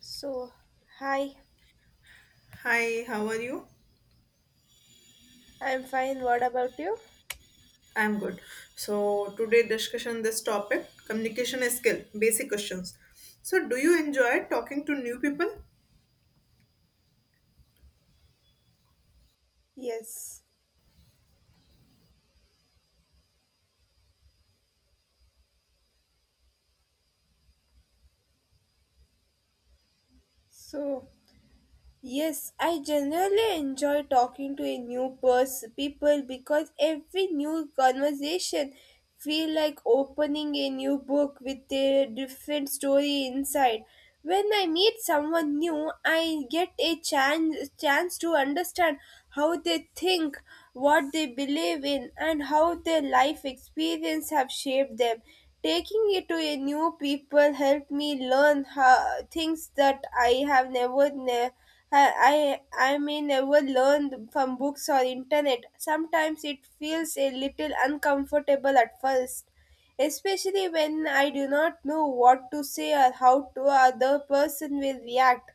So, hi, Hi, how are you? I'm fine. What about you? I'm good. So today discussion this topic communication skill basic questions. So do you enjoy talking to new people? Yes. So, Yes, I generally enjoy talking to a new person people because every new conversation feel like opening a new book with a different story inside. When I meet someone new, I get a chance to understand how they think, what they believe in, and how their life experience have shaped them. Taking it to a new people helped me learn how, things that I have never known I may never learn from books or internet. Sometimes it feels a little uncomfortable at first, especially when I do not know what to say or how to other person will react.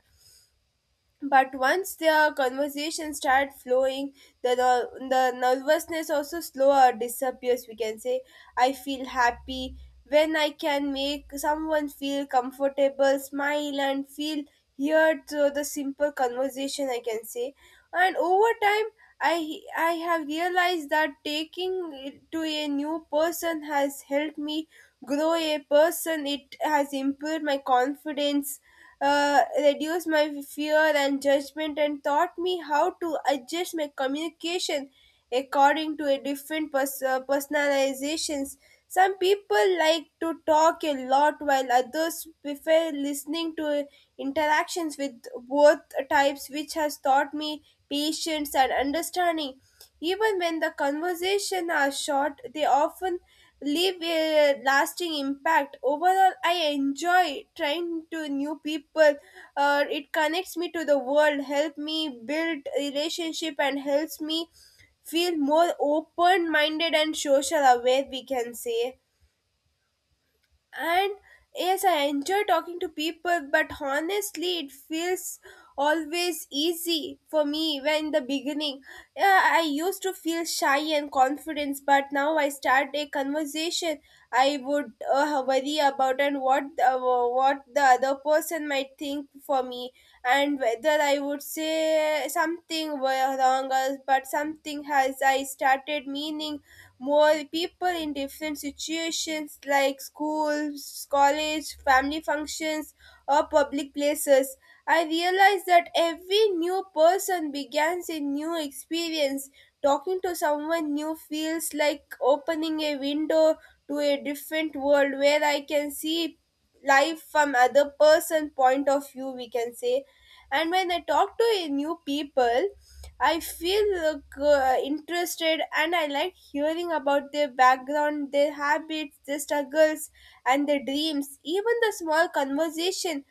But once their conversation start flowing, the nervousness also slower disappears. We can say, I feel happy when I can make someone feel comfortable, smile, and feel heard through the simple conversation. I can say, and over time, I I have realized that taking it to a new person has helped me grow a person. It has improved my confidence, reduced my fear and judgment and taught me how to adjust my communication according to a different personalizations. Some people like to talk a lot while others prefer listening to interactions with both types, which has taught me patience and understanding. Even when the conversation are short, they often leave a lasting impact. Overall, I enjoy trying to new people. It connects me to the world, help me build relationship, and helps me feel more open-minded and social aware. We can say and yes, I enjoy talking to people, but honestly it feels always easy for me when in the beginning. Yeah, I used to feel shy and confidence, but now I start a conversation I would worry about and what the other person might think for me and whether I would say something were wrong or- but something has I started meaning more people in different situations like schools, college, family functions, or public places. I realized that every new person begins a new experience. Talking to someone new feels like opening a window to a different world where I can see life from other person point of view, we can say. And when I talk to a new people I feel interested and I like hearing about their background, their habits, their struggles, and their dreams. Even the small conversation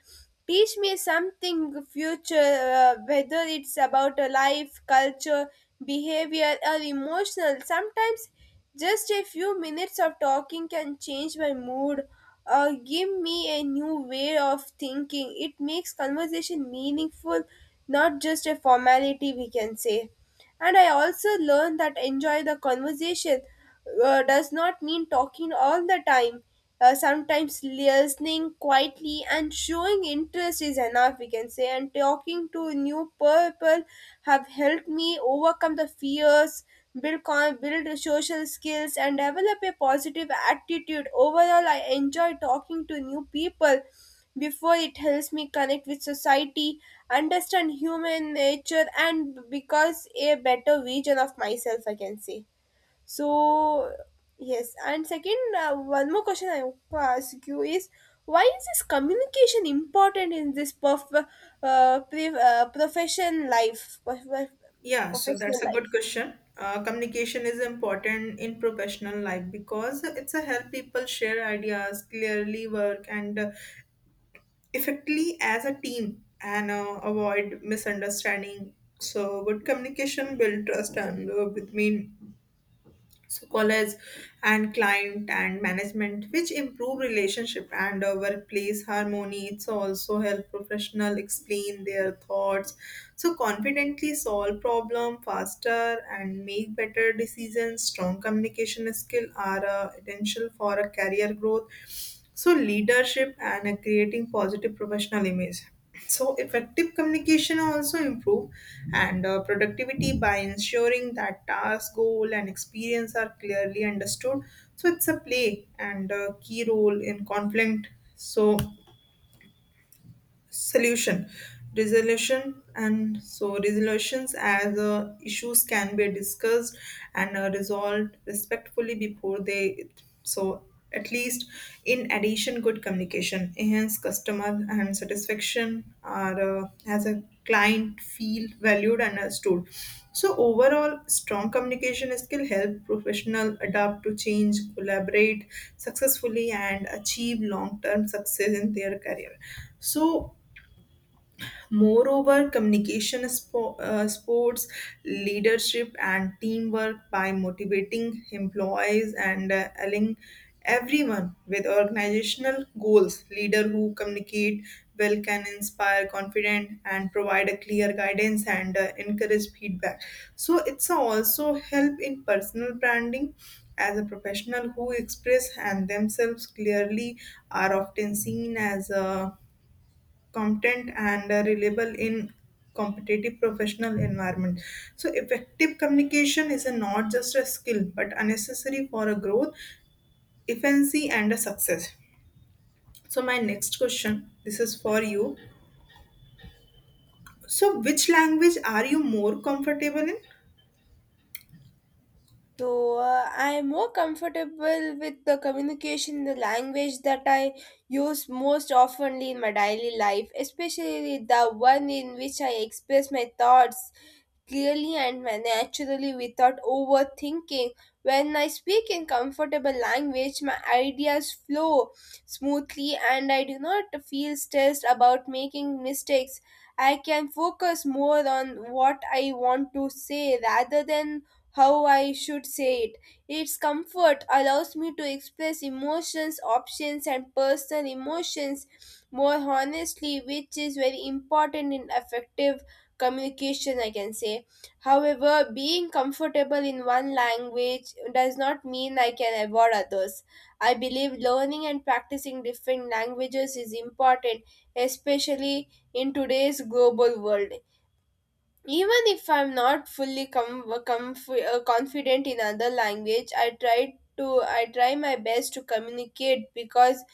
teach me something future, whether it's about a life, culture, behavior, or emotional. Sometimes just a few minutes of talking can change my mood or give me a new way of thinking. It makes conversation meaningful, not just a formality, we can say. And I also learned that enjoy the conversation does not mean talking all the time. Sometimes listening quietly and showing interest is enough, we can say. And talking to new people have helped me overcome the fears, build social skills, and develop a positive attitude. Overall, I enjoy talking to new people before it helps me connect with society, understand human nature, and becomes a better version of myself, I can say. So, yes. And second, one more question I want to ask you is why is this communication important in this profession life? Yeah, so Professional that's a good life? question. Communication is important in professional life because it's a help people share ideas, clearly work and effectively as a team and avoid misunderstanding. So good communication build trust and between so college and client and management which improve relationship and workplace harmony, it's also help professional explain their thoughts so confidently, solve problem faster and make better decisions. Strong communication skill are essential for a career growth, so leadership and creating positive professional image. So, effective communication also improve and productivity by ensuring that task, goal, and experience are clearly understood. So, it's a play and a key role in conflict. So, solution, resolution and so resolutions as issues can be discussed and resolved respectfully before they so at least, in addition, good communication enhance customer and satisfaction are as a client feel valued and understood. So overall, strong communication skill help professional adapt to change, collaborate successfully and achieve long term success in their career. So moreover, communication, sports, leadership, and teamwork by motivating employees and aligning everyone with organizational goals. Leader who communicate well can inspire confident and provide a clear guidance and encourage feedback. So it's also help in personal branding as a professional who express and themselves clearly are often seen as a competent and reliable in competitive professional environment. So effective communication is a, not just a skill but a necessary for a growth, efficiency and a success. So my next question, this is for you, so which language are you more comfortable in? So I am more comfortable with the communication, the language that I use most oftenly in my daily life, especially the one in which I express my thoughts clearly and naturally without overthinking. When I speak in comfortable language, my ideas flow smoothly and I do not feel stressed about making mistakes. I can focus more on what I want to say rather than how I should say it. Its comfort allows me to express emotions, options, and personal emotions more honestly, which is very important in effective communication, I can say. However, being comfortable in one language does not mean I can avoid others. I believe learning and practicing different languages is important, especially in today's global world. Even if I'm not fully confident in other language, I try my best to communicate because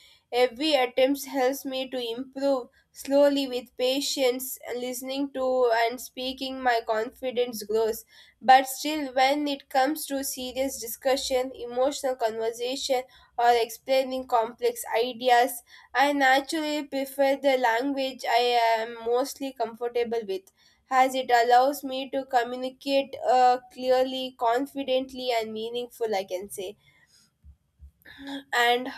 every attempt helps me to improve slowly with patience and listening to and speaking my confidence grows. But still, when it comes to serious discussion emotional conversation or explaining complex ideas, I naturally prefer the language I am mostly comfortable with, as it allows me to communicate clearly, confidently, and meaningful, I can say. And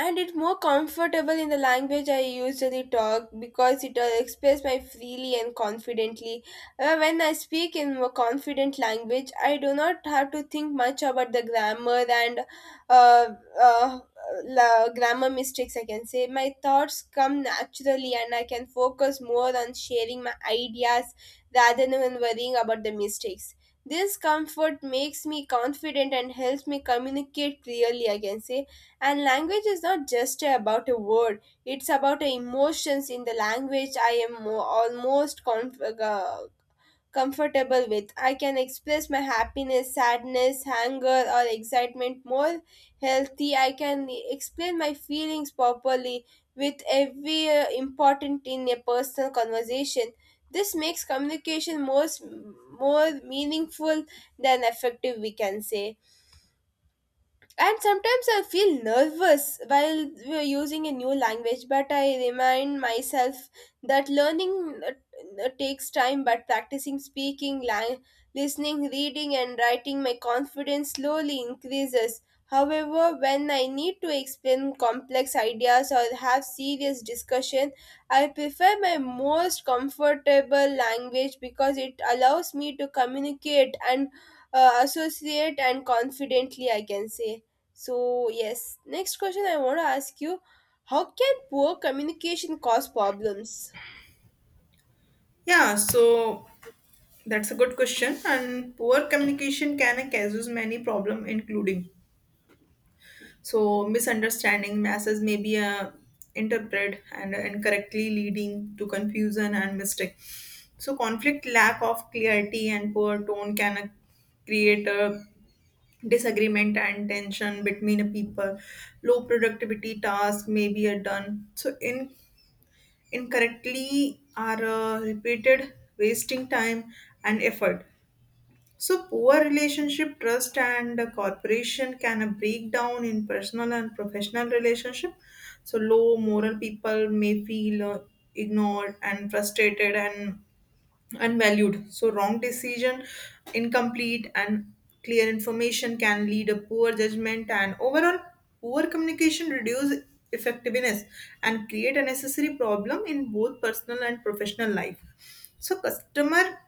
and it's more comfortable in the language I usually talk because it will express my freely and confidently. When I speak in more confident language, I do not have to think much about the grammar and uh, uh, grammar mistakes. I can say my thoughts come naturally, and I can focus more on sharing my ideas rather than worrying about the mistakes. This comfort makes me confident and helps me communicate clearly, I can say. And language is not just about a word, it's about emotions in the language I am uh, comfortable with. I can express my happiness, sadness, anger, or excitement more healthy. I can explain my feelings properly with every important in a personal conversation. This makes communication more meaningful than effective, we can say. And sometimes I feel nervous while we're using a new language, but I remind myself that learning takes time, but practicing speaking, listening, reading, and writing, my confidence slowly increases. However, when I need to explain complex ideas or have serious discussion, I prefer my most comfortable language because it allows me to communicate and associate and confidently, I can say. So, yes, next question I want to ask you: how can poor communication cause problems? Yeah, so that's a good question. And poor communication can cause many problem including so misunderstanding. Masses may be interpreted and incorrectly, leading to confusion and mistake. So conflict, lack of clarity, and poor tone can create a disagreement and tension between a people. Low productivity, tasks may be done so in incorrectly are repeated, wasting time and effort. So, poor relationship, trust, and cooperation can break down in personal and professional relationship. So, low moral, people may feel ignored and frustrated and unvalued. So, wrong decision, incomplete and clear information can lead a poor judgment, and overall poor communication reduce effectiveness and create a necessary problem in both personal and professional life. So, customer,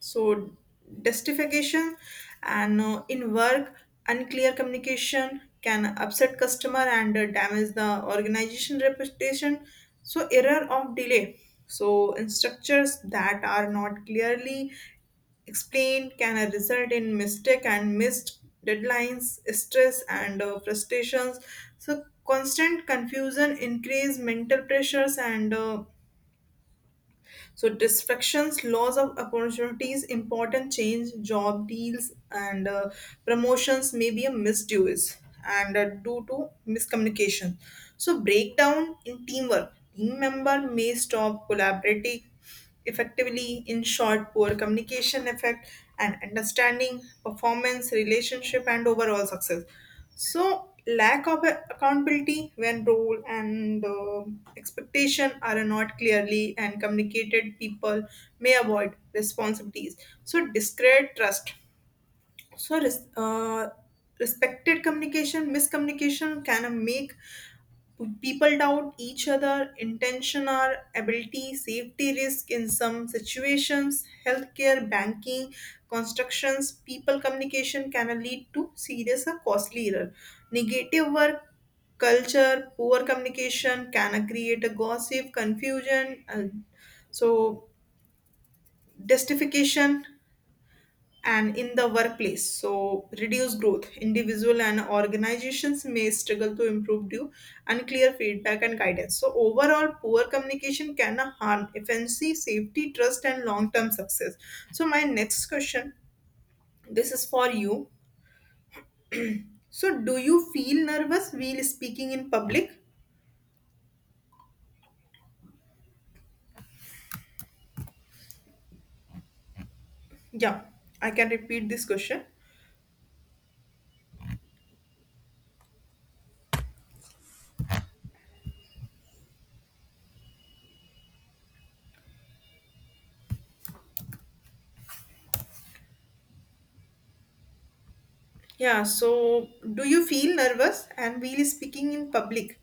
so justification and in work, unclear communication can upset customer and damage the organization reputation. So error of delay, so in structures that are not clearly explained can result in mistake and missed deadlines, stress and frustrations. So constant confusion increase mental pressures and so distractions, loss of opportunities, important change, job deals, and promotions may be a misuse and due to miscommunication. So breakdown in teamwork. Team member may stop collaborating effectively. In short, poor communication effect and understanding, performance, relationship, and overall success. So, lack of accountability, when role and expectation are not clearly and communicated, people may avoid responsibilities. So, discrete trust. So, respected communication, miscommunication can make people doubt each other intention or ability. Safety risk in some situations, healthcare, banking, constructions, people communication can lead to serious or costly error. Negative work culture, poor communication can create a gossip, confusion and so justification and in the workplace, so reduce growth, individual and organizations may struggle to improve due unclear feedback and guidance. So overall, poor communication can harm efficiency, safety, trust and long term success. So my next question, this is for you, so do you feel nervous while speaking in public? Yeah, I can repeat this question. Yeah, so do you feel nervous and while speaking in public?